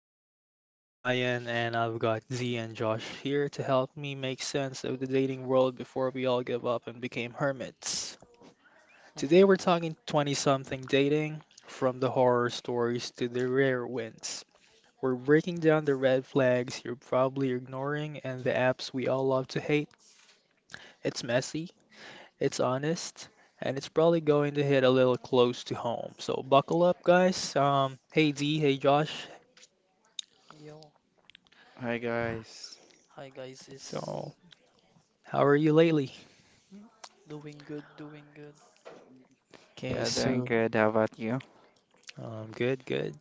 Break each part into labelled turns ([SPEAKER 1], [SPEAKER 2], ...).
[SPEAKER 1] Codpast. I'm Brian, and I've got Z and Josh here to help me make sense of the dating world before we all give up and became hermits. Today we're talking 20 something dating, from the horror stories to the rare wins. We're breaking down the red flags you're probably ignoring and the apps we all love to hate. It's messy, it's honest, and it's probably going to hit a little close to home. So buckle up, guys. Hey Z, hey Josh.
[SPEAKER 2] Yo, hi guys, is
[SPEAKER 1] So, how are you lately?
[SPEAKER 2] doing good, doing good.
[SPEAKER 1] Okay, so good, good.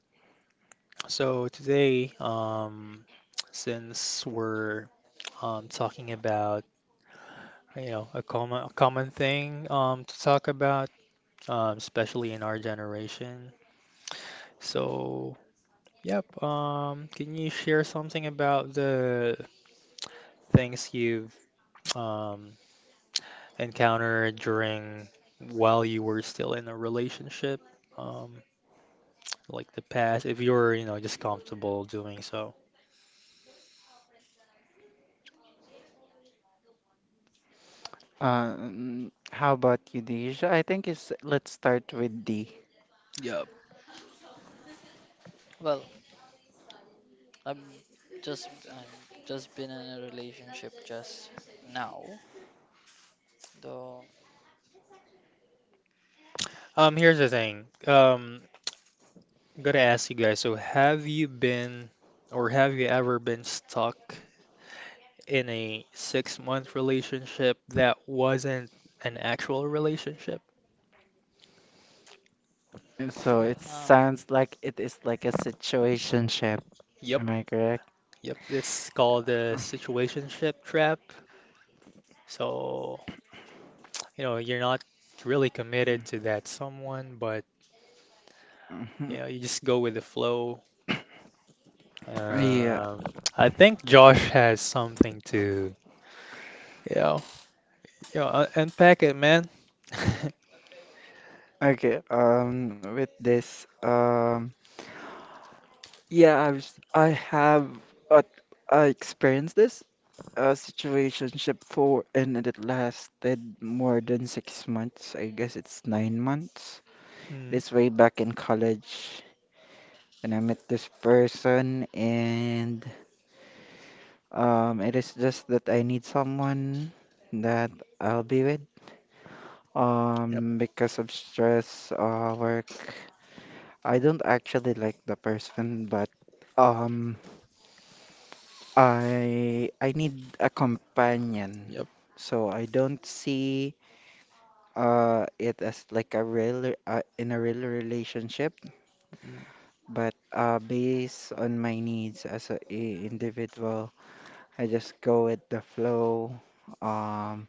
[SPEAKER 1] So today, since we're talking about a common thing to talk about, especially in our generation. So, yep, can you share something about the things you've um, encountered during while you were still in a relationship, um, like the past, if you're just comfortable doing so?
[SPEAKER 3] How about you, Deja? I think it's let's start with D.
[SPEAKER 1] Yep.
[SPEAKER 2] Well, I'm I'm just been in a relationship just now, though.
[SPEAKER 1] Here's the thing. Got to ask you guys, so have you ever been stuck in a 6-month relationship that wasn't an actual relationship?
[SPEAKER 3] And So
[SPEAKER 2] I
[SPEAKER 3] it sounds like it is like a situationship.
[SPEAKER 1] Yep,
[SPEAKER 3] Am I correct?
[SPEAKER 1] yep. It's called the situationship trap. So, you're not really committed to that someone, but
[SPEAKER 3] Mhm.
[SPEAKER 1] you just go with the flow.
[SPEAKER 3] Yeah.
[SPEAKER 1] Um, I think Josh has something to, you know, unpack it, man.
[SPEAKER 3] Okay, with this, yeah, I've, s- I was. I have, uh, I experienced this, situationship and it lasted more than 6 months. I guess it's 9 months.
[SPEAKER 1] Mm,
[SPEAKER 3] This way back in college. And I met this person and it is just that I need someone that I'll be with.
[SPEAKER 1] yep,
[SPEAKER 3] Because of stress, work. I don't actually like the person, but um I I need a companion.
[SPEAKER 1] yep.
[SPEAKER 3] So I don't see it as like a real in a real relationship,
[SPEAKER 1] Mm.
[SPEAKER 3] but based on my needs as a individual, I just go with the flow. Um,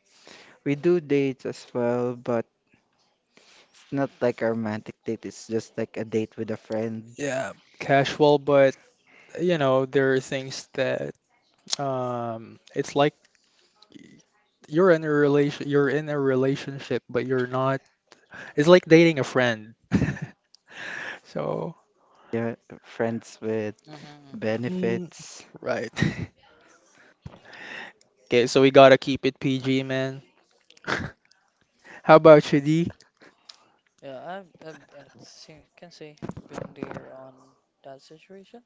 [SPEAKER 3] we do dates as well, but it's not like a romantic date. It's just like a date with a friend.
[SPEAKER 1] Yeah, casual, but there are things that it's like you're in a relationship, but you're not. It's like dating a friend. So,
[SPEAKER 3] Yeah, friends with
[SPEAKER 2] hmm hmm
[SPEAKER 1] mm,
[SPEAKER 3] benefits.
[SPEAKER 1] right. Okay, so we gotta keep it PG, man. How about you, D?
[SPEAKER 2] Yeah, can say I've been there on that situation.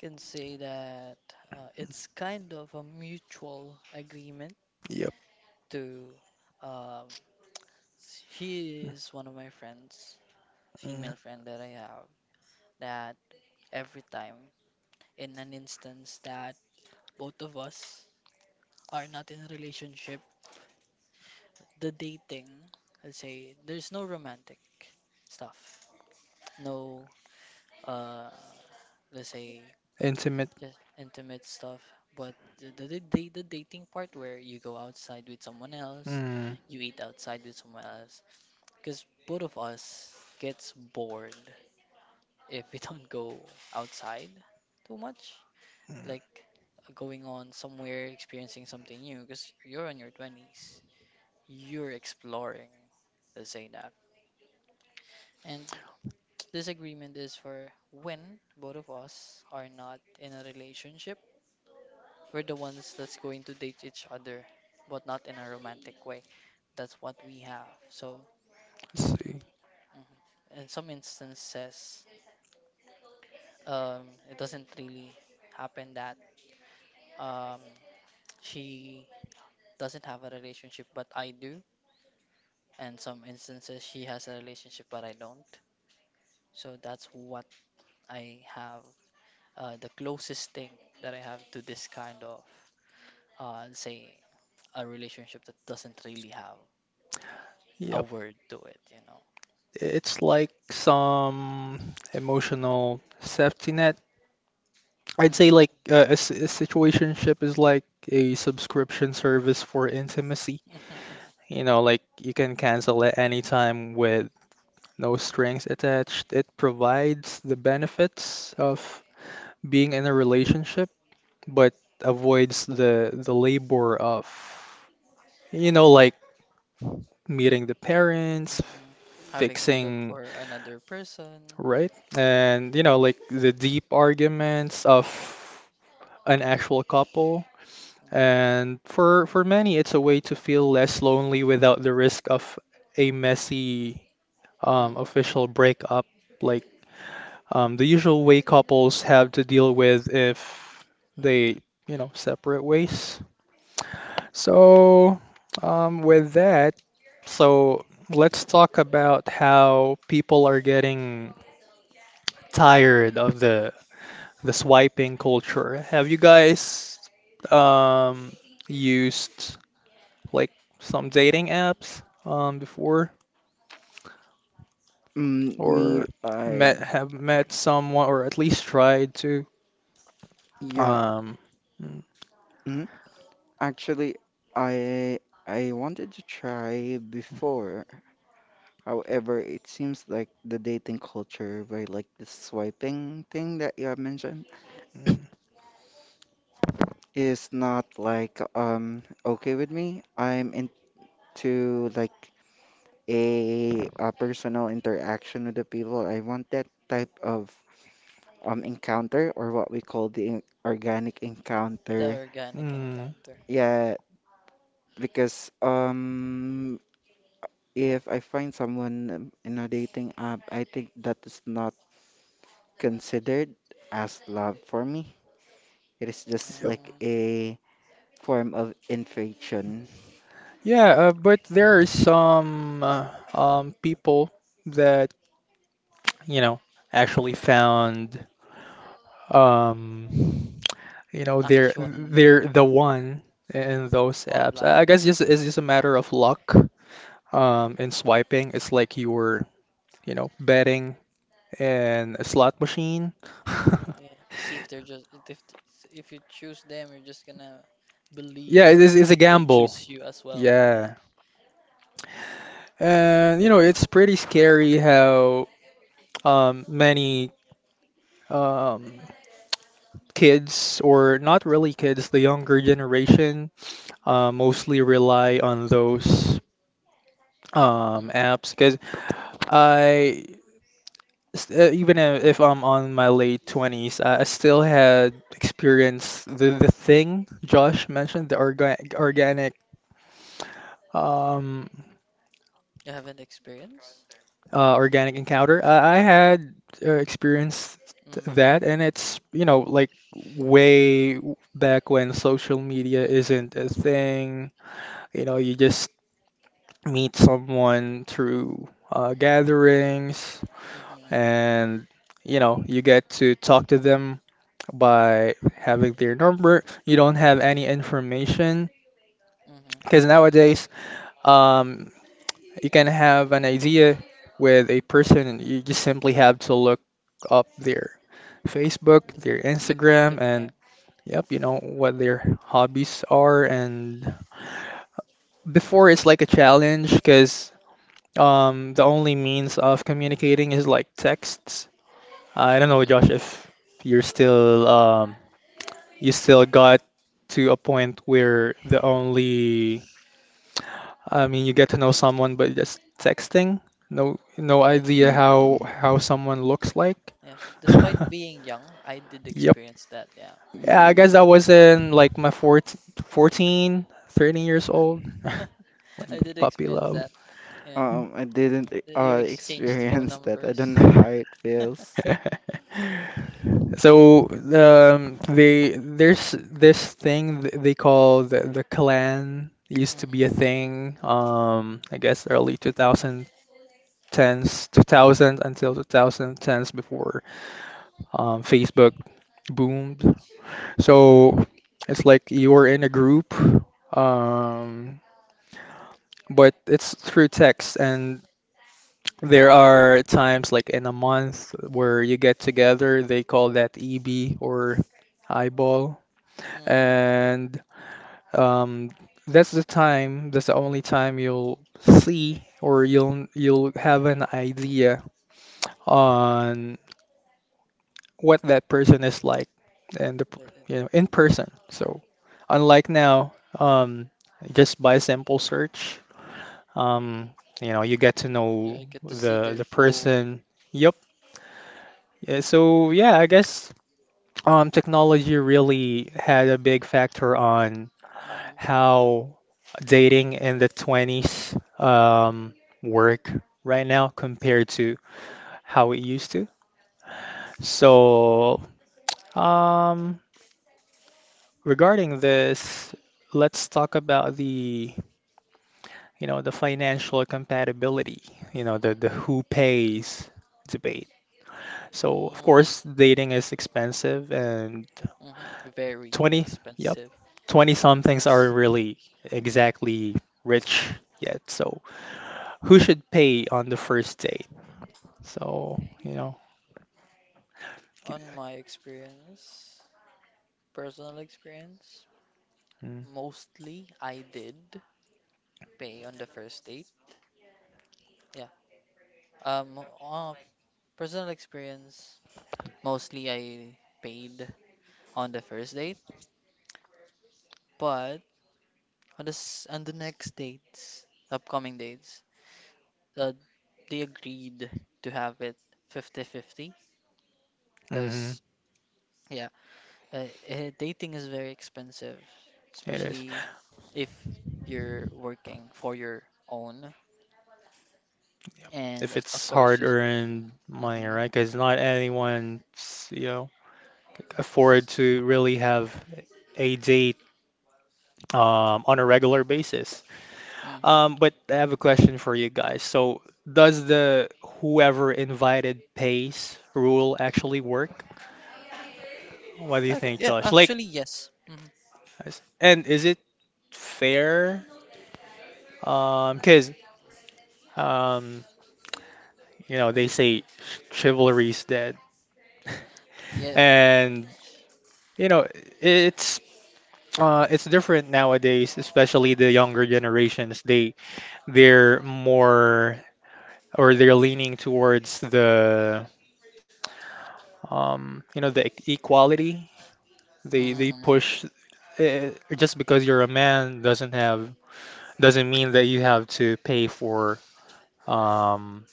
[SPEAKER 2] Can say that it's kind of a mutual agreement
[SPEAKER 1] Yep.
[SPEAKER 2] to, um, she is one of my friends,
[SPEAKER 1] Mm,
[SPEAKER 2] female friend that I have, that every time, in an instance that both of us are not in a relationship, the dating, let's say, there's no romantic stuff, no, uh, let's say,
[SPEAKER 1] Intimate.
[SPEAKER 2] just intimate stuff, but the dating part where you go outside with someone else,
[SPEAKER 1] Mm,
[SPEAKER 2] you eat outside with someone else, because both of us gets bored if we don't go outside too much.
[SPEAKER 1] mm,
[SPEAKER 2] Like, going on somewhere, experiencing something new, because you're on your 20s. You're exploring, let's say that. And this agreement is for when both of us are not in a relationship, we're the ones that's going to date each other, but not in a romantic way. That's what we have. So,
[SPEAKER 1] let's see.
[SPEAKER 2] mhm, in some instances, it doesn't really happen that, um, she doesn't have a relationship, but I do, and some instances she has a relationship but I don't. So that's what I have, the closest thing that I have to this kind of, say, a relationship that doesn't really have a
[SPEAKER 1] Yep.
[SPEAKER 2] word to it, you know.
[SPEAKER 1] It's like some emotional safety net. I'd say like a situationship is like a subscription service for intimacy.
[SPEAKER 2] Hmm.
[SPEAKER 1] Like you can cancel at any time with no strings attached. It provides the benefits of being in a relationship, but avoids the labor of, like meeting the parents,
[SPEAKER 2] Hmm. Having to look
[SPEAKER 1] fixing,
[SPEAKER 2] for another person.
[SPEAKER 1] right? And like the deep arguments of an actual couple.
[SPEAKER 2] Mhm.
[SPEAKER 1] And for many, it's a way to feel less lonely without the risk of a messy
[SPEAKER 2] Mhm,
[SPEAKER 1] official
[SPEAKER 2] mhm.
[SPEAKER 1] breakup, like the usual way couples have to deal with if they, separate ways. So, with that, so let's talk about how people are getting tired of the swiping culture. Have you guys um, used like some dating apps before,
[SPEAKER 3] Mm, me,
[SPEAKER 1] or
[SPEAKER 3] I,
[SPEAKER 1] met have met someone, or at least tried to.
[SPEAKER 3] yeah.
[SPEAKER 1] Um, mm,
[SPEAKER 3] Mm, actually, I I wanted to try before. However, it seems like the dating culture, where like the swiping thing that you have mentioned,
[SPEAKER 1] mm,
[SPEAKER 3] is not like okay with me. I'm in. To like a personal interaction with the people. I want that type of encounter or what we call the organic
[SPEAKER 2] The
[SPEAKER 3] encounter.
[SPEAKER 2] organic
[SPEAKER 1] mm,
[SPEAKER 2] encounter.
[SPEAKER 3] Yeah, because if I find someone in a dating app, I think that is not considered as love for me. It is just
[SPEAKER 1] yep.
[SPEAKER 3] like
[SPEAKER 2] Mhm.
[SPEAKER 3] a form of infatuation.
[SPEAKER 1] Yeah, but there are some people that you know actually found, um, they're
[SPEAKER 2] Actual love.
[SPEAKER 1] they're the one in
[SPEAKER 2] Mhm.
[SPEAKER 1] those apps.
[SPEAKER 2] Online.
[SPEAKER 1] I guess just it's just a matter of luck
[SPEAKER 2] Mhm.
[SPEAKER 1] in swiping. It's like you were betting and a slot machine.
[SPEAKER 2] Yeah, see if they're just, if you choose them, you're just gonna believe
[SPEAKER 1] Yeah, it
[SPEAKER 2] that
[SPEAKER 1] is, it's a
[SPEAKER 2] they
[SPEAKER 1] gamble.
[SPEAKER 2] choose you as well. Yeah.
[SPEAKER 1] Yeah. And it's pretty scary how many um, kids, or not really kids, the younger generation, mostly rely on those
[SPEAKER 2] Hmm.
[SPEAKER 1] apps. Because I, s- even I- if I'm on my late 20s, I still had experienced the thing Josh mentioned, the organic. Um,
[SPEAKER 2] You have an experience?
[SPEAKER 1] Organic encounter. I had experienced that,
[SPEAKER 2] Mm.
[SPEAKER 1] and it's, like way back when social media
[SPEAKER 2] Mm-hmm.
[SPEAKER 1] isn't a thing. You just meet someone through gatherings,
[SPEAKER 2] Mm-hmm.
[SPEAKER 1] and, you get to talk to them by having their number. You don't have any information.
[SPEAKER 2] Mm-hmm.
[SPEAKER 1] Because nowadays, um, you can have an idea with a person and you just simply have to look up their Facebook, their
[SPEAKER 2] Yeah, look up their
[SPEAKER 1] Instagram, and
[SPEAKER 2] name.
[SPEAKER 1] yep, you know what their hobbies are. And before it's like a challenge because the only means of communicating is like texts. I don't know, Josh,
[SPEAKER 2] Hmm.
[SPEAKER 1] if you're still um, you still got to a point where the only I mean, you get to know someone, but just texting, no, no
[SPEAKER 2] Yeah,
[SPEAKER 1] idea
[SPEAKER 3] Mm,
[SPEAKER 1] how
[SPEAKER 3] mm,
[SPEAKER 1] how someone looks like.
[SPEAKER 2] yeah. Despite being young, I did
[SPEAKER 1] Yep.
[SPEAKER 2] experience that. Yeah,
[SPEAKER 1] Yeah, I
[SPEAKER 3] mm.
[SPEAKER 1] guess I was in like my 14, fourteen, 13 years old, like
[SPEAKER 2] I did
[SPEAKER 1] puppy
[SPEAKER 2] experience
[SPEAKER 1] love.
[SPEAKER 2] that. Yeah,
[SPEAKER 3] I didn't
[SPEAKER 2] that you exchanged phone
[SPEAKER 3] experience that. I don't
[SPEAKER 2] numbers.
[SPEAKER 3] know how it
[SPEAKER 2] Yeah.
[SPEAKER 3] feels.
[SPEAKER 1] So they there's this thing they call the clan. It used to be a
[SPEAKER 2] Mm-hmm.
[SPEAKER 1] thing. I guess early 2010s, 2000 until 2010s before Facebook boomed. So it's like you're in a group, um, but it's through text. And there are times, like in a month, where you get together. They call that EB or eyeball.
[SPEAKER 2] Mm-hmm.
[SPEAKER 1] And um, that's the only time you'll see or you'll have an idea on what that person is like and the
[SPEAKER 2] Yeah,
[SPEAKER 1] per-
[SPEAKER 2] yeah.
[SPEAKER 1] you know in person. So
[SPEAKER 2] Yeah.
[SPEAKER 1] unlike now, um just by simple search, um you get to know
[SPEAKER 2] You get to see
[SPEAKER 1] the
[SPEAKER 2] their
[SPEAKER 1] the
[SPEAKER 2] full.
[SPEAKER 1] person. Yep. Yeah, so yeah, I guess technology really had a big factor on
[SPEAKER 2] Mhm,
[SPEAKER 1] how dating in the 20s work right now compared to how it used to. So, um regarding this, let's talk about the financial compatibility, the who pays debate. So, of course,
[SPEAKER 2] mm,
[SPEAKER 1] dating is expensive and
[SPEAKER 2] mhm. Very
[SPEAKER 1] 20, yep,
[SPEAKER 2] expensive.
[SPEAKER 1] 20 somethings aren't really exactly
[SPEAKER 2] Mhm.
[SPEAKER 1] rich yet. So, who should pay on the first date? So,
[SPEAKER 2] On my experience, personal experience, mostly I did pay on the first date. Yeah. Um, uh, Personal experience, mostly I paid on the first date, but on the on the next dates, upcoming dates, uh, they agreed to have it fifty-fifty. 50
[SPEAKER 1] mm-hmm,
[SPEAKER 2] Because, dating is very expensive,
[SPEAKER 1] it is.
[SPEAKER 2] especially if you're working for your own.
[SPEAKER 1] Yep,
[SPEAKER 2] And
[SPEAKER 1] if
[SPEAKER 2] of
[SPEAKER 1] it's
[SPEAKER 2] course,
[SPEAKER 1] hard
[SPEAKER 2] just.
[SPEAKER 1] earned money,
[SPEAKER 2] Mm-hmm.
[SPEAKER 1] right? Because not anyone's, you know, afford to really have a date on a regular basis.
[SPEAKER 2] Mm-hmm.
[SPEAKER 1] But I have a question for you guys. So, does the whoever invited pays rule actually work? What do you
[SPEAKER 2] Okay.
[SPEAKER 1] think,
[SPEAKER 2] Yeah.
[SPEAKER 1] Josh? Like,
[SPEAKER 2] Actually, yes. Mm-hmm.
[SPEAKER 1] and is it fair? Because um, they say chivalry's dead,
[SPEAKER 2] Yeah.
[SPEAKER 1] and you know it's it's different nowadays, especially the younger generations. They're more, or they're leaning towards the you know the e- equality. They
[SPEAKER 2] Mm-hmm, mm-hmm.
[SPEAKER 1] push, uh, just because you're a man doesn't mean that you have to pay um,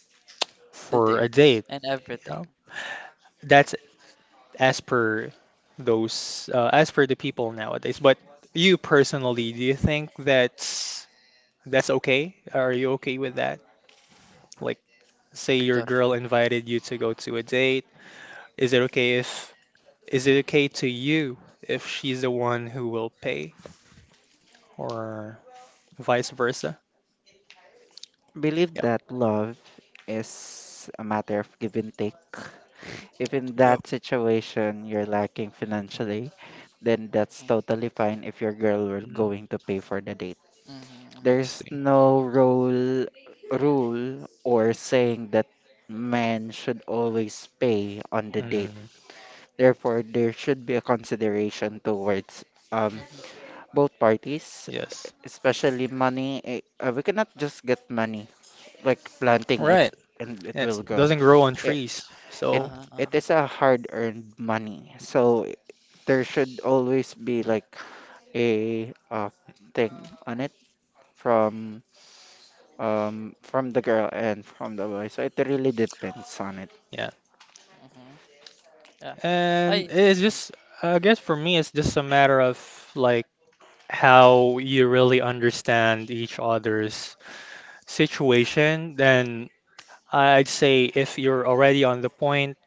[SPEAKER 2] The
[SPEAKER 1] for a
[SPEAKER 2] dates
[SPEAKER 1] date.
[SPEAKER 2] and
[SPEAKER 1] You
[SPEAKER 2] everything.
[SPEAKER 1] know? That's as per those, as per the people nowadays. But you personally, do you think that's okay? Are you okay with that? Like, say your
[SPEAKER 2] Josh.
[SPEAKER 1] girl invited you to go to a date. Is it okay if Is it okay to you if she's the one who will pay or vice versa?
[SPEAKER 3] Believe
[SPEAKER 1] Yep.
[SPEAKER 3] that love is a matter of give and take. If in
[SPEAKER 1] Yep.
[SPEAKER 3] that situation you're lacking financially, then that's
[SPEAKER 2] Mm-hmm.
[SPEAKER 3] totally fine if your girl will
[SPEAKER 1] Mm,
[SPEAKER 3] going to pay for the date.
[SPEAKER 2] Mm-hmm, mm-hmm.
[SPEAKER 1] I
[SPEAKER 3] There's
[SPEAKER 1] see.
[SPEAKER 3] no rule or saying that men should always pay on the date.
[SPEAKER 1] Mm,
[SPEAKER 3] Therefore, there should be a consideration towards um
[SPEAKER 2] Mm-hmm.
[SPEAKER 3] both parties,
[SPEAKER 1] yes.
[SPEAKER 3] especially money. We cannot just get money like
[SPEAKER 1] All
[SPEAKER 3] planting it
[SPEAKER 1] right.
[SPEAKER 3] and it
[SPEAKER 1] It
[SPEAKER 3] will grow.
[SPEAKER 1] doesn't grow on
[SPEAKER 3] It
[SPEAKER 1] trees.
[SPEAKER 3] it
[SPEAKER 1] So,
[SPEAKER 2] Uh-huh,
[SPEAKER 3] it
[SPEAKER 2] uh-huh.
[SPEAKER 3] is a hard-earned money. So there should always be like a thing on it from from the girl and from the boy. So it really depends on it.
[SPEAKER 1] yeah.
[SPEAKER 2] Mm-hmm. Yeah.
[SPEAKER 1] And
[SPEAKER 2] I.
[SPEAKER 1] it's just, I guess for me, it's just a matter of like how you really understand each other's situation. Then I'd say if you're already on the point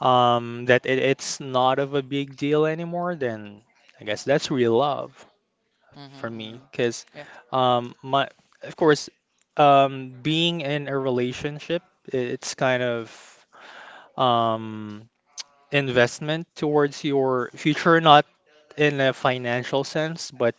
[SPEAKER 1] that it's not of a big deal anymore, then I guess that's real love
[SPEAKER 2] Mm-hmm,
[SPEAKER 1] for me.
[SPEAKER 2] mm-hmm.
[SPEAKER 1] Because,
[SPEAKER 2] Yeah.
[SPEAKER 1] um, my, of course, being in a relationship, it's kind of um, investment towards your future, not in a financial sense, but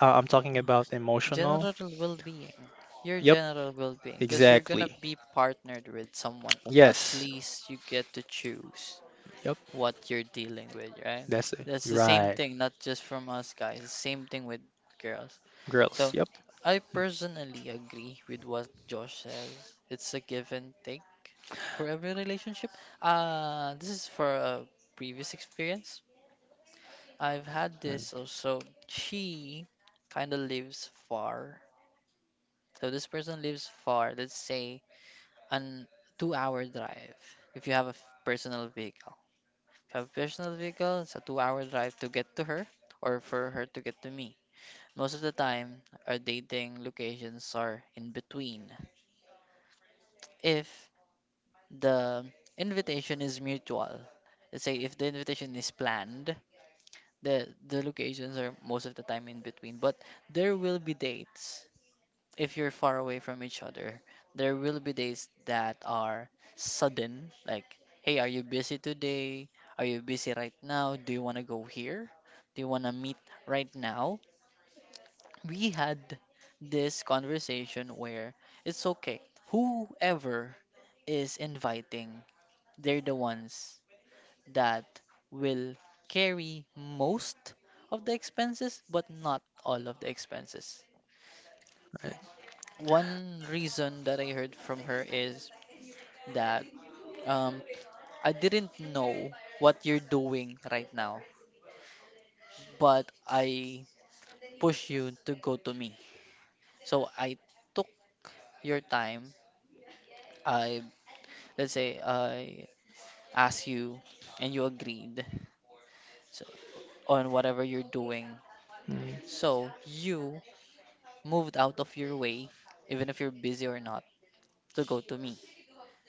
[SPEAKER 1] I'm talking about emotional.
[SPEAKER 2] General well-being. Your
[SPEAKER 1] Yep,
[SPEAKER 2] general well-being, because you're gonna
[SPEAKER 1] exactly.
[SPEAKER 2] be partnered with someone. At
[SPEAKER 1] Yes.
[SPEAKER 2] least you get to choose
[SPEAKER 1] Yep,
[SPEAKER 2] what you're dealing with, right?
[SPEAKER 1] that's it.
[SPEAKER 2] That's the same
[SPEAKER 1] Right.
[SPEAKER 2] thing, not just from us guys. The same thing with girls.
[SPEAKER 1] Girls.
[SPEAKER 2] So
[SPEAKER 1] Yep.
[SPEAKER 2] I personally agree with what Josh says. It's a give and take for every relationship. This is for a previous experience. I've had
[SPEAKER 1] Mm,
[SPEAKER 2] this also. She kind of lives far, so this person lives far, let's say an two-hour drive. If you have a f- personal vehicle, if you have a personal vehicle, it's a two-hour drive to get to her or for her to get to me. Most of the time, our dating locations are in between. If the invitation is mutual, let's say if the invitation is planned, the locations are most of the time in between. But there will be dates, if you're far away from each other, there will be days that are sudden, like, hey, are you busy today? Are you busy right now? Do you want to go here? Do you want to meet right now? We had this conversation where it's okay. Whoever is inviting, they're the ones that will carry most of the expenses, but not all of the expenses.
[SPEAKER 1] right.
[SPEAKER 2] One reason that I heard from her is that, um, I didn't know what you're doing right now, but I push you to go to me. So I took your time. I let's say I asked you and you agreed, so, on whatever you're doing.
[SPEAKER 1] Mm,
[SPEAKER 2] So you moved out of your way, even if you're busy or not, to go to me.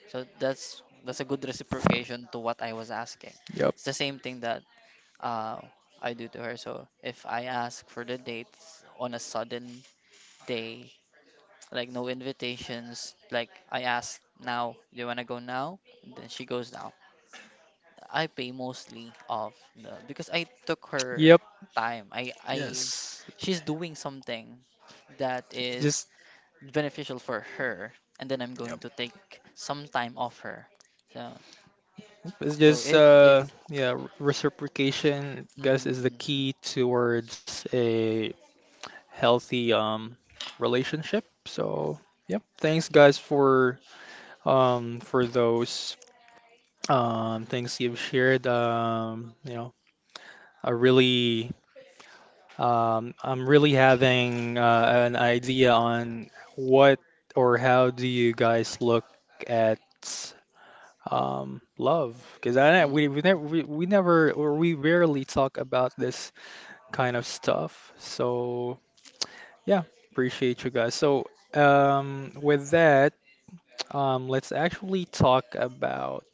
[SPEAKER 2] So that's a good reciprocation to what I was asking.
[SPEAKER 1] yep.
[SPEAKER 2] It's the same thing that, uh, I do to her. So if I ask for the dates on a sudden day, like no invitations, like I ask now, do you wanna go now? Then she goes now. I pay mostly of the, because I took her
[SPEAKER 1] Yep.
[SPEAKER 2] time. I
[SPEAKER 1] Yes.
[SPEAKER 2] She's doing something that is
[SPEAKER 1] Just,
[SPEAKER 2] beneficial for her, and then I'm going
[SPEAKER 1] yep.
[SPEAKER 2] to take some time off her. So
[SPEAKER 1] It's
[SPEAKER 2] so
[SPEAKER 1] just
[SPEAKER 2] it is.
[SPEAKER 1] yeah, reciprocation I guess is the
[SPEAKER 2] Mm-hmm,
[SPEAKER 1] key towards a healthy relationship. So, yep, thanks guys for those things you've shared, I really I'm really having an idea on what or how do you guys look at love, because I
[SPEAKER 2] mm-hmm,
[SPEAKER 1] we never or we rarely talk about this kind of stuff. So yeah, appreciate you guys. So with that, let's actually talk about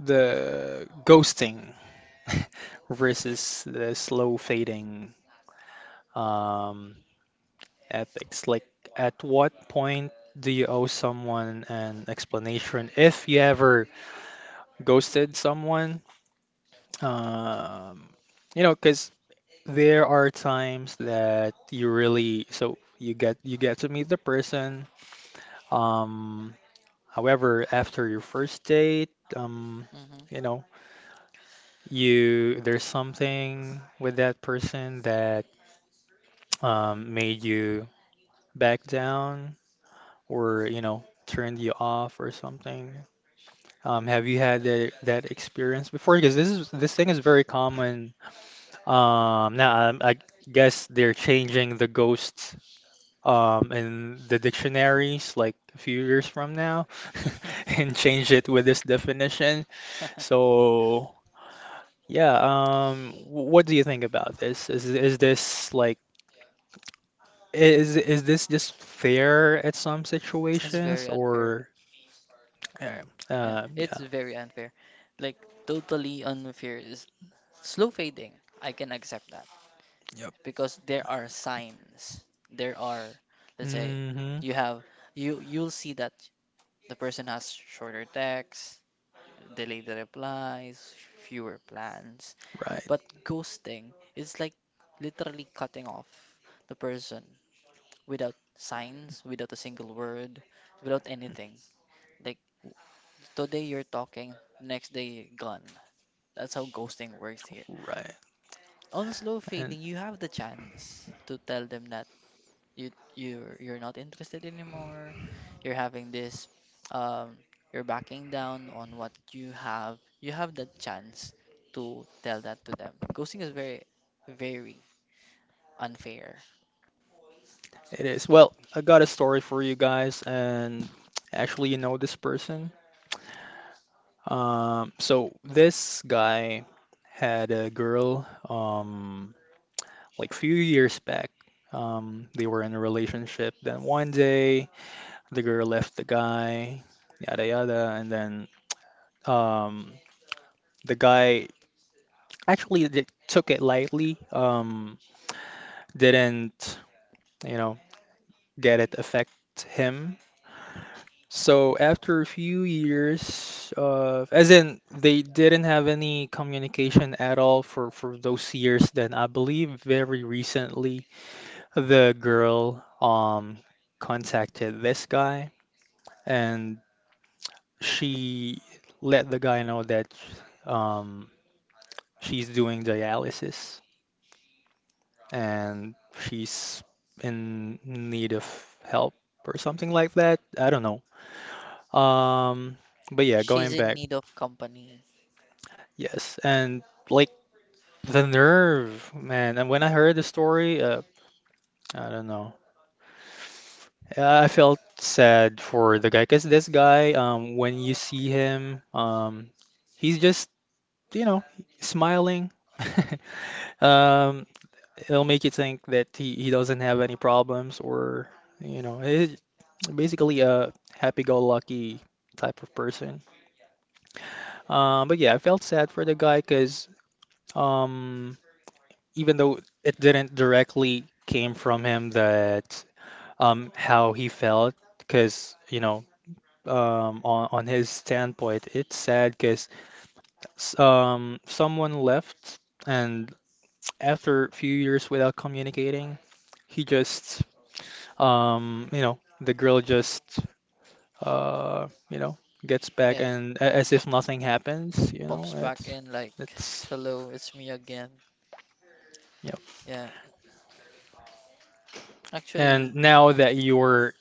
[SPEAKER 1] the ghosting versus the slow fading um, ethics. Like, at what point do you owe someone an explanation if you ever ghosted someone? Um, because there are times that you really so you get to meet the person. Um, However, after your first date, um,
[SPEAKER 2] mm-hmm,
[SPEAKER 1] you know, you there's something with that person that made you back down, or turned you off or something. Have you had that experience before? Because this thing is very common. Now, I guess they're changing the ghosts in the dictionaries like a few years from now, and change it with this definition.
[SPEAKER 2] mm-hmm.
[SPEAKER 1] So yeah, what do you think about this? Is this just fair at some
[SPEAKER 2] It's
[SPEAKER 1] situations,
[SPEAKER 2] very unfair.
[SPEAKER 1] or uh,
[SPEAKER 2] Yeah, it's
[SPEAKER 1] yeah?
[SPEAKER 2] very unfair. Like, totally unfair is slow fading. I can accept that
[SPEAKER 1] Yep.
[SPEAKER 2] because there are signs. There are, let's say,
[SPEAKER 1] Mm-hmm.
[SPEAKER 2] you have you you'll see that the person has shorter texts, delayed replies, fewer plans.
[SPEAKER 1] Right.
[SPEAKER 2] But ghosting is like literally cutting off the person without signs, without a single word, without anything. Like, today you're talking, next day gone. That's how ghosting works here.
[SPEAKER 1] Right.
[SPEAKER 2] On slow
[SPEAKER 1] And
[SPEAKER 2] fading, you have the chance to tell them that you're not interested anymore. You're having this, um, you're backing down on what you have. You have the chance to tell that to them. Ghosting is very, very unfair.
[SPEAKER 1] it is. Well, I got a story for you guys, and actually you know this person. So this guy had a girl, like few years back. They were in a relationship. Then one day, the girl left the guy, yada yada, and then um, the guy actually took it lightly. Didn't, you know, get it affect him. So after a few years of, as in they didn't have any communication at all for those years, then I believe very recently the girl contacted this guy, and she let the guy know that um she's doing dialysis and she's in need of help or something like that. I don't know. Um, but yeah, going
[SPEAKER 2] She's in
[SPEAKER 1] back.
[SPEAKER 2] need of company.
[SPEAKER 1] Yes, and like the nerve, man. And when I heard the story, I don't know. Yeah, I felt sad for the guy because this guy, when you see him, he's just, you know, smiling. Um, It'll make you think that he doesn't have any problems or, you know, he's basically a happy-go-lucky type of person. But yeah, I felt sad for the guy because. Even though it didn't directly came from him that how he felt because you know on his standpoint it's sad because someone left and after a few years without communicating he just you know the girl just you know gets back
[SPEAKER 2] Yeah,
[SPEAKER 1] and
[SPEAKER 2] ju-
[SPEAKER 1] as if
[SPEAKER 2] just
[SPEAKER 1] nothing happens you
[SPEAKER 2] pops
[SPEAKER 1] know
[SPEAKER 2] back
[SPEAKER 1] it's
[SPEAKER 2] in like,
[SPEAKER 1] it's
[SPEAKER 2] hello, it's me again.
[SPEAKER 1] yep.
[SPEAKER 2] Yeah,
[SPEAKER 1] And
[SPEAKER 2] actually.
[SPEAKER 1] now that you're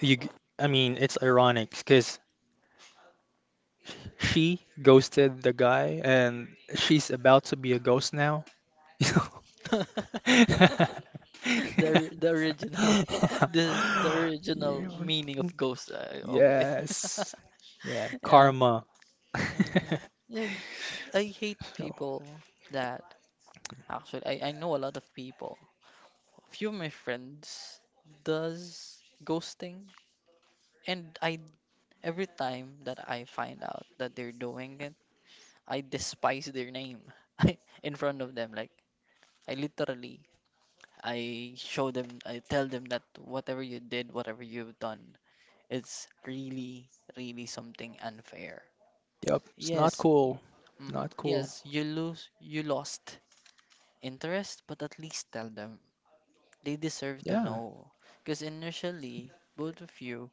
[SPEAKER 1] you g- I mean, it's ironic because she ghosted the guy and she's about to be a ghost now. You know?
[SPEAKER 2] The original the original
[SPEAKER 1] Yeah.
[SPEAKER 2] meaning of ghost. Okay.
[SPEAKER 1] Yes. Yeah,
[SPEAKER 2] Yeah.
[SPEAKER 1] karma.
[SPEAKER 2] Hmm. Yeah, I hate
[SPEAKER 1] So,
[SPEAKER 2] people that, actually, I know a lot of people. A few of my friends does ghosting, and I, every time that I find out that they're doing it, I despise their name I, in front of them. Like, I literally, I show them, I tell them that whatever you did, whatever you've done, it's really, really something unfair.
[SPEAKER 1] yep, it's not
[SPEAKER 2] Yes,
[SPEAKER 1] cool.
[SPEAKER 2] mm-hmm,
[SPEAKER 1] Not cool.
[SPEAKER 2] yes, you lost interest, but at least tell them. They deserve to
[SPEAKER 1] Yeah.
[SPEAKER 2] know. Because initially, both of you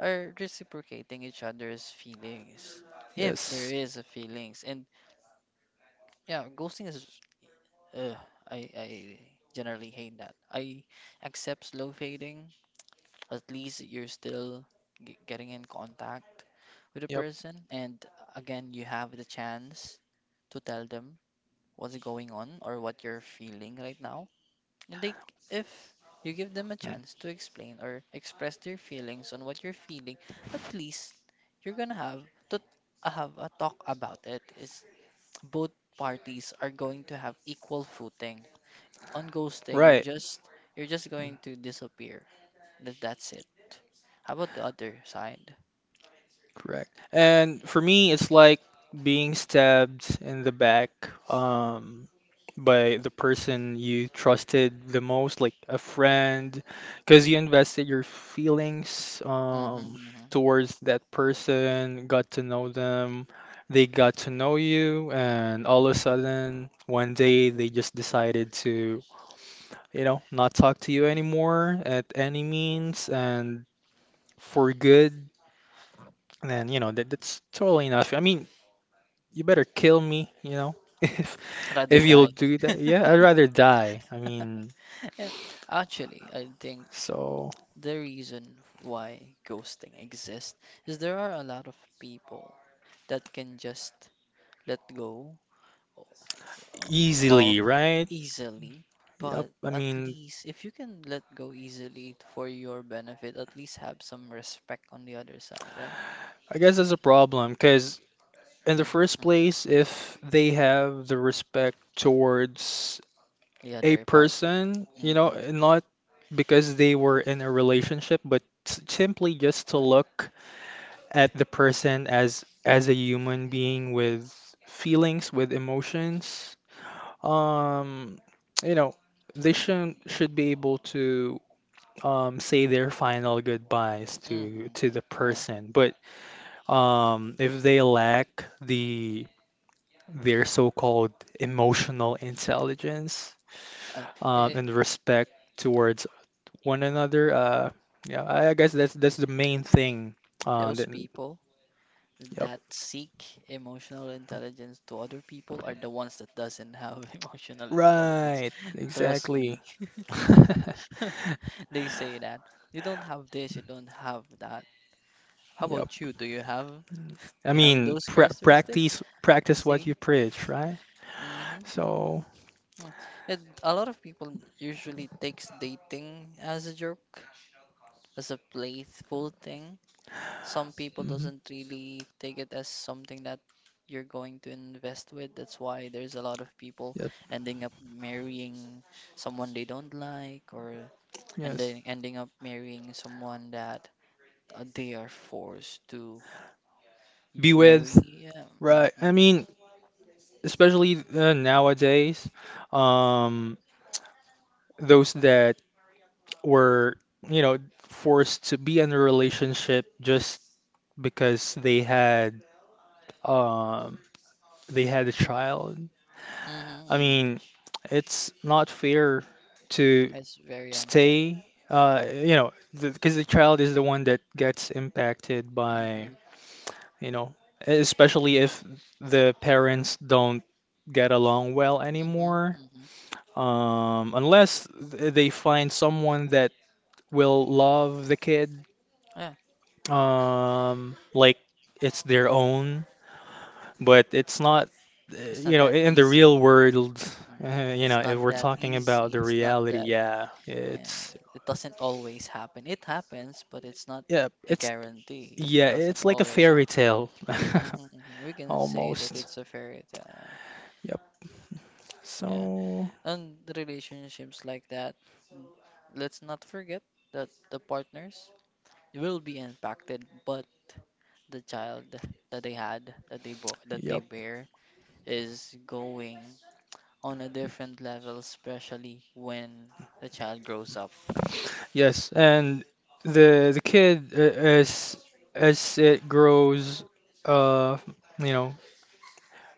[SPEAKER 2] are reciprocating each other's feelings. If there
[SPEAKER 1] Yes.
[SPEAKER 2] is a feelings. And yeah, ghosting is, uh, I generally hate that. I accept slow fading. At least you're still getting in contact with a
[SPEAKER 1] Yep.
[SPEAKER 2] person, and again, you have the chance to tell them what's going on or what you're feeling right now, and they if you give them a
[SPEAKER 1] Mm.
[SPEAKER 2] chance to explain or express their feelings on what you're feeling, at least you're gonna have to have a talk about it, is both parties are going to have equal footing. On ghosting, you're
[SPEAKER 1] Right.
[SPEAKER 2] just you're just
[SPEAKER 1] Mm.
[SPEAKER 2] going to disappear. That's it. How about the other side?
[SPEAKER 1] Correct. And for me, it's like being stabbed in the back. Um, by the person you trusted the most, like a friend, because you invested your feelings
[SPEAKER 2] Mm-hmm, mm-hmm.
[SPEAKER 1] towards that person, got to know them, they got to know you, and all of a sudden, one day they just decided to, you know, not talk to you anymore at any means and for good. And you know, that that's totally enough. I mean, you better kill me, you know,
[SPEAKER 2] Rather
[SPEAKER 1] if you'll
[SPEAKER 2] die.
[SPEAKER 1] do that. Yeah, I'd rather die. I mean.
[SPEAKER 2] Yeah, actually, I think
[SPEAKER 1] So
[SPEAKER 2] the reason why ghosting exists is there are a lot of people that can just let go, uh, of
[SPEAKER 1] easily, right?
[SPEAKER 2] easily,
[SPEAKER 1] Yep.
[SPEAKER 2] but
[SPEAKER 1] I
[SPEAKER 2] at
[SPEAKER 1] mean,
[SPEAKER 2] least if you can let go easily for your benefit, at least have some respect on the other side, right?
[SPEAKER 1] I guess that's a problem because in the first
[SPEAKER 2] Hmm.
[SPEAKER 1] place, if they have the respect towards
[SPEAKER 2] The
[SPEAKER 1] a
[SPEAKER 2] other party.
[SPEAKER 1] person, you know,
[SPEAKER 2] Hmm.
[SPEAKER 1] not because they were in a relationship, but simply just to look at the person as a human being with feelings, with emotions, um, you know, they should be able to say their final goodbyes to
[SPEAKER 2] Hmm.
[SPEAKER 1] the
[SPEAKER 2] Yeah.
[SPEAKER 1] person. But if they lack the their so-called emotional intelligence
[SPEAKER 2] Uh, eh, eh,
[SPEAKER 1] and respect towards one another, yeah, I guess that's the main thing.
[SPEAKER 2] those
[SPEAKER 1] That,
[SPEAKER 2] people
[SPEAKER 1] yep,
[SPEAKER 2] that seek emotional intelligence to other people are the ones that doesn't have emotional intelligence.
[SPEAKER 1] right,
[SPEAKER 2] Trust me.
[SPEAKER 1] exactly.
[SPEAKER 2] They say that you don't have this, you don't have that. How
[SPEAKER 1] Yep.
[SPEAKER 2] about you? Do you have do
[SPEAKER 1] I
[SPEAKER 2] you have
[SPEAKER 1] mean,
[SPEAKER 2] those characteristics?
[SPEAKER 1] practice what
[SPEAKER 2] See?
[SPEAKER 1] you preach, right?
[SPEAKER 2] Mm-hmm, mm-hmm.
[SPEAKER 1] So,
[SPEAKER 2] Yeah. A lot of people usually takes dating as a joke, as a playful thing, some people
[SPEAKER 1] mhm,
[SPEAKER 2] doesn't really take it as something that you're going to invest with. That's why there's a lot of people
[SPEAKER 1] yep.
[SPEAKER 2] ending up marrying someone they don't like, or
[SPEAKER 1] Yes.
[SPEAKER 2] ending up marrying someone that, they are forced to
[SPEAKER 1] Be with,
[SPEAKER 2] marry. Yeah.
[SPEAKER 1] right?
[SPEAKER 2] Mm-hmm.
[SPEAKER 1] I mean, especially nowadays, um, those that were, you know, forced to be in a relationship just because um, they had a child.
[SPEAKER 2] Mm-hmm.
[SPEAKER 1] I
[SPEAKER 2] Hmm.
[SPEAKER 1] mean, it's not fair to
[SPEAKER 2] It's very unfair.
[SPEAKER 1] stay, you know, because the child is the one that gets impacted by,
[SPEAKER 2] Mm-hmm.
[SPEAKER 1] you know, especially if the parents don't get along well
[SPEAKER 2] Mm-hmm.
[SPEAKER 1] anymore.
[SPEAKER 2] Mm-hmm.
[SPEAKER 1] Unless they find someone that will love the kid,
[SPEAKER 2] Yeah.
[SPEAKER 1] like it's their own, but it's not,
[SPEAKER 2] It's
[SPEAKER 1] you
[SPEAKER 2] not
[SPEAKER 1] know,
[SPEAKER 2] that
[SPEAKER 1] in the real
[SPEAKER 2] easy.
[SPEAKER 1] world,
[SPEAKER 2] Mhm.
[SPEAKER 1] you know,
[SPEAKER 2] It's not
[SPEAKER 1] if we're
[SPEAKER 2] that
[SPEAKER 1] talking about
[SPEAKER 2] easy.
[SPEAKER 1] the
[SPEAKER 2] It's not
[SPEAKER 1] reality,
[SPEAKER 2] that.
[SPEAKER 1] yeah,
[SPEAKER 2] And it doesn't always happen. It happens, but it's not
[SPEAKER 1] yeah,
[SPEAKER 2] a guarantee. It
[SPEAKER 1] yeah,
[SPEAKER 2] doesn't
[SPEAKER 1] it's like a
[SPEAKER 2] always
[SPEAKER 1] fairy
[SPEAKER 2] happen.
[SPEAKER 1] tale
[SPEAKER 2] Hmm. We can say that
[SPEAKER 1] almost.
[SPEAKER 2] it's a fairy tale. Yeah,
[SPEAKER 1] Yep.
[SPEAKER 2] yeah.
[SPEAKER 1] So,
[SPEAKER 2] And the relationships like that, mm, let's not forget that the partners will be impacted, but the child that they had, that they
[SPEAKER 1] yep.
[SPEAKER 2] bear, is going on a different level, especially when the child grows up.
[SPEAKER 1] Yes, and the kid as it grows, uh, you know,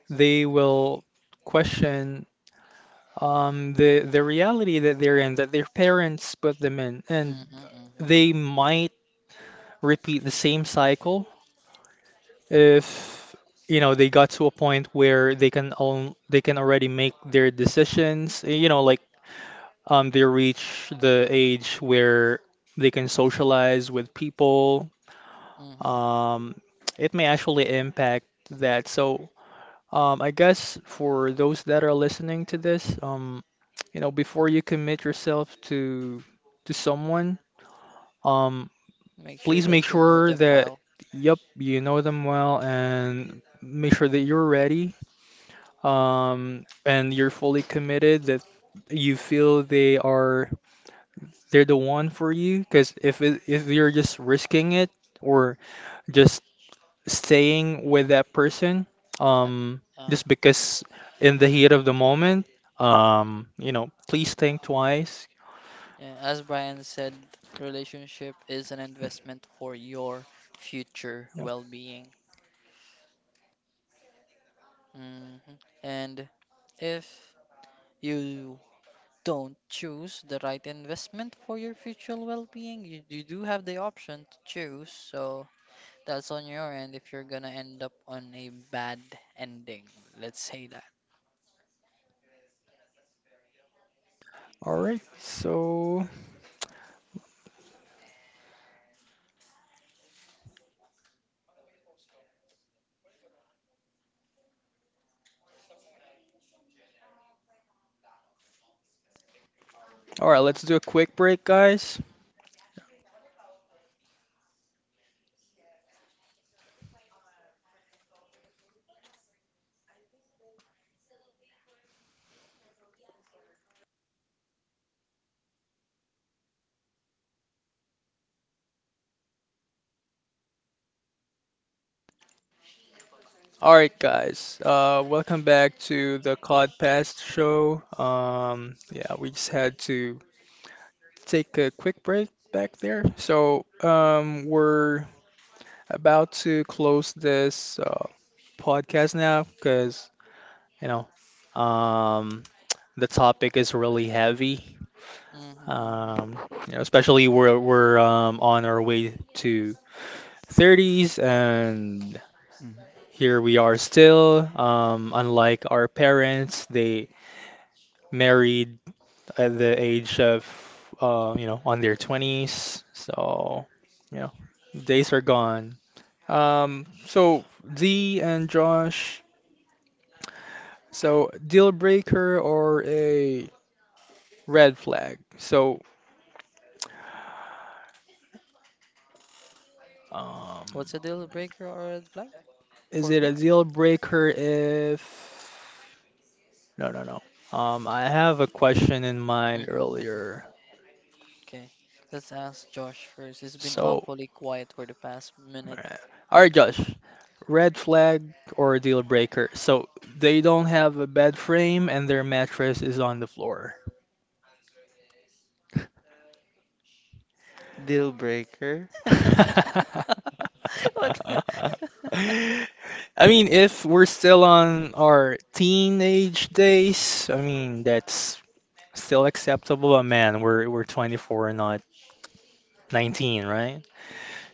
[SPEAKER 1] they will question the reality that they're in, that their parents put them in,
[SPEAKER 2] Hmm.
[SPEAKER 1] and
[SPEAKER 2] Hmm.
[SPEAKER 1] they might repeat the same cycle if you know they got to a point where they can own they can already make their decisions. You know, like they reach the age where they can socialize with people.
[SPEAKER 2] Hmm.
[SPEAKER 1] Um, it may actually impact that. So I guess for those that are listening to this, you know, before you commit yourself to someone, um,
[SPEAKER 2] Make sure
[SPEAKER 1] please make
[SPEAKER 2] that you know
[SPEAKER 1] sure
[SPEAKER 2] them
[SPEAKER 1] that
[SPEAKER 2] well.
[SPEAKER 1] yep, you know them well and make sure that you're ready, and you're fully committed that you feel they're the one for you because if you're just risking it or just staying with that person
[SPEAKER 2] Uh,
[SPEAKER 1] um,
[SPEAKER 2] uh,
[SPEAKER 1] just because in the heat of the moment, you know, please think twice.
[SPEAKER 2] yeah, as Brian said, relationship is an investment for your future
[SPEAKER 1] Yep.
[SPEAKER 2] well-being. Hmm. And if you don't choose the right investment for your future well-being, you do have the option to choose. So that's on your end if you're gonna end up on a bad ending. Let's say that.
[SPEAKER 1] All right. So, all right,
[SPEAKER 2] Hmm.
[SPEAKER 1] let's do a quick break, guys. All right, guys. Welcome back to the Cod show. Yeah, we just had to take a quick break back there. So, we're about to close this podcast now because, you know, um, the topic is really heavy.
[SPEAKER 2] Hmm.
[SPEAKER 1] Um,
[SPEAKER 2] Hmm.
[SPEAKER 1] you know, especially we're on our way to 30s, and
[SPEAKER 3] Mm.
[SPEAKER 1] here we are still. Unlike our parents, they married at the age of you know on their 20s. So you know, days are gone. So D and Josh, so deal breaker or a red flag? So um.
[SPEAKER 2] What's a deal breaker or a red flag
[SPEAKER 1] Is
[SPEAKER 2] for
[SPEAKER 1] it a
[SPEAKER 2] me?
[SPEAKER 1] deal breaker if no, no, no. I have a question in mind
[SPEAKER 2] Hmm.
[SPEAKER 1] earlier.
[SPEAKER 2] Okay, let's ask Josh first. He's been
[SPEAKER 1] So,
[SPEAKER 2] awfully quiet for the past minute.
[SPEAKER 1] uh, all right, Josh, red flag or a deal breaker? So they don't have a bed frame and their mattress is on the floor.
[SPEAKER 3] Deal breaker.
[SPEAKER 1] I
[SPEAKER 2] What?
[SPEAKER 1] mean, if we're still on our teenage days, I mean, that's still acceptable, but man, we're 24, not 19, right?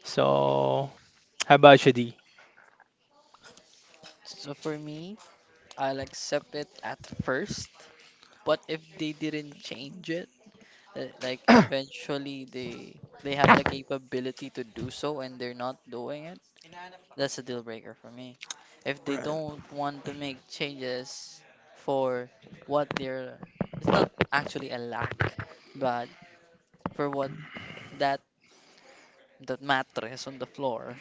[SPEAKER 1] So, how about you, D?
[SPEAKER 2] So for me, I'll accept it at first, but if they didn't change it, like eventually they have the capability to do so and they're not doing it, that's a deal breaker for me. If they
[SPEAKER 1] Right.
[SPEAKER 2] don't want to make changes for what they're, it's not actually a lack, but for what, that the mattress on the floor,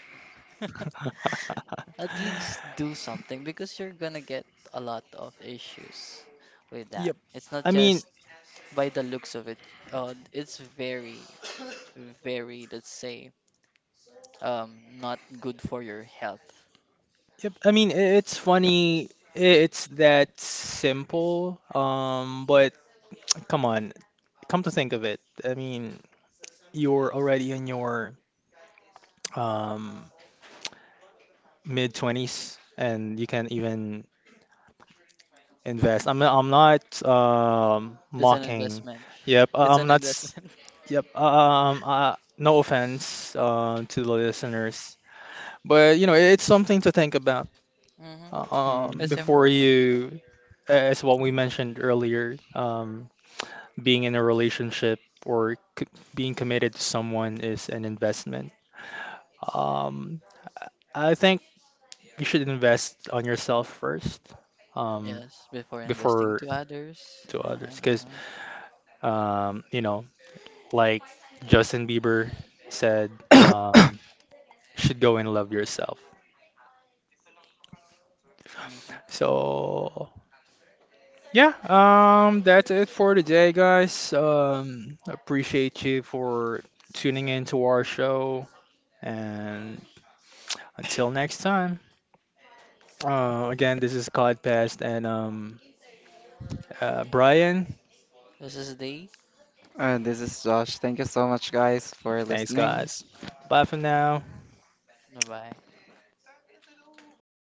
[SPEAKER 2] at least do something, because you're gonna get a lot of issues with that.
[SPEAKER 1] Yep.
[SPEAKER 2] It's not
[SPEAKER 1] I mean,
[SPEAKER 2] just by the looks of it. It's very, very, let's say, not good for your health.
[SPEAKER 1] yep. I mean, it's funny. It's that simple. But come on, come to think of it, I mean, you're already in your um mid twenties, and you can't even invest. I'm not
[SPEAKER 2] It's an
[SPEAKER 1] mocking.
[SPEAKER 2] investment.
[SPEAKER 1] Yep. I-
[SPEAKER 2] It's
[SPEAKER 1] I'm
[SPEAKER 2] an
[SPEAKER 1] not. S-
[SPEAKER 2] investment.
[SPEAKER 1] Yep. No offense. To the listeners. But you know, it's something to think about
[SPEAKER 2] Hmm.
[SPEAKER 1] uh,
[SPEAKER 2] It's
[SPEAKER 3] Mm.
[SPEAKER 1] before
[SPEAKER 2] important.
[SPEAKER 1] you, as what we mentioned earlier, being in a relationship or c being committed to someone is an investment. Um, I think you should invest on yourself first, um,
[SPEAKER 2] Yes, before investing
[SPEAKER 1] before
[SPEAKER 2] to others.
[SPEAKER 1] to
[SPEAKER 2] Uh-huh,
[SPEAKER 1] others, because
[SPEAKER 2] uh-huh,
[SPEAKER 1] you know, like Justin Bieber said, um, you should go and love yourself.
[SPEAKER 2] uh-huh.
[SPEAKER 1] So yeah, that's it for today, guys. Appreciate you for tuning in to our show, and until next time. Again, this is Codpest and Brian.
[SPEAKER 2] This is the
[SPEAKER 3] This is Josh. Thank you so much, guys, for
[SPEAKER 1] Thanks,
[SPEAKER 3] listening.
[SPEAKER 1] guys. Bye for now.
[SPEAKER 2] bye-bye.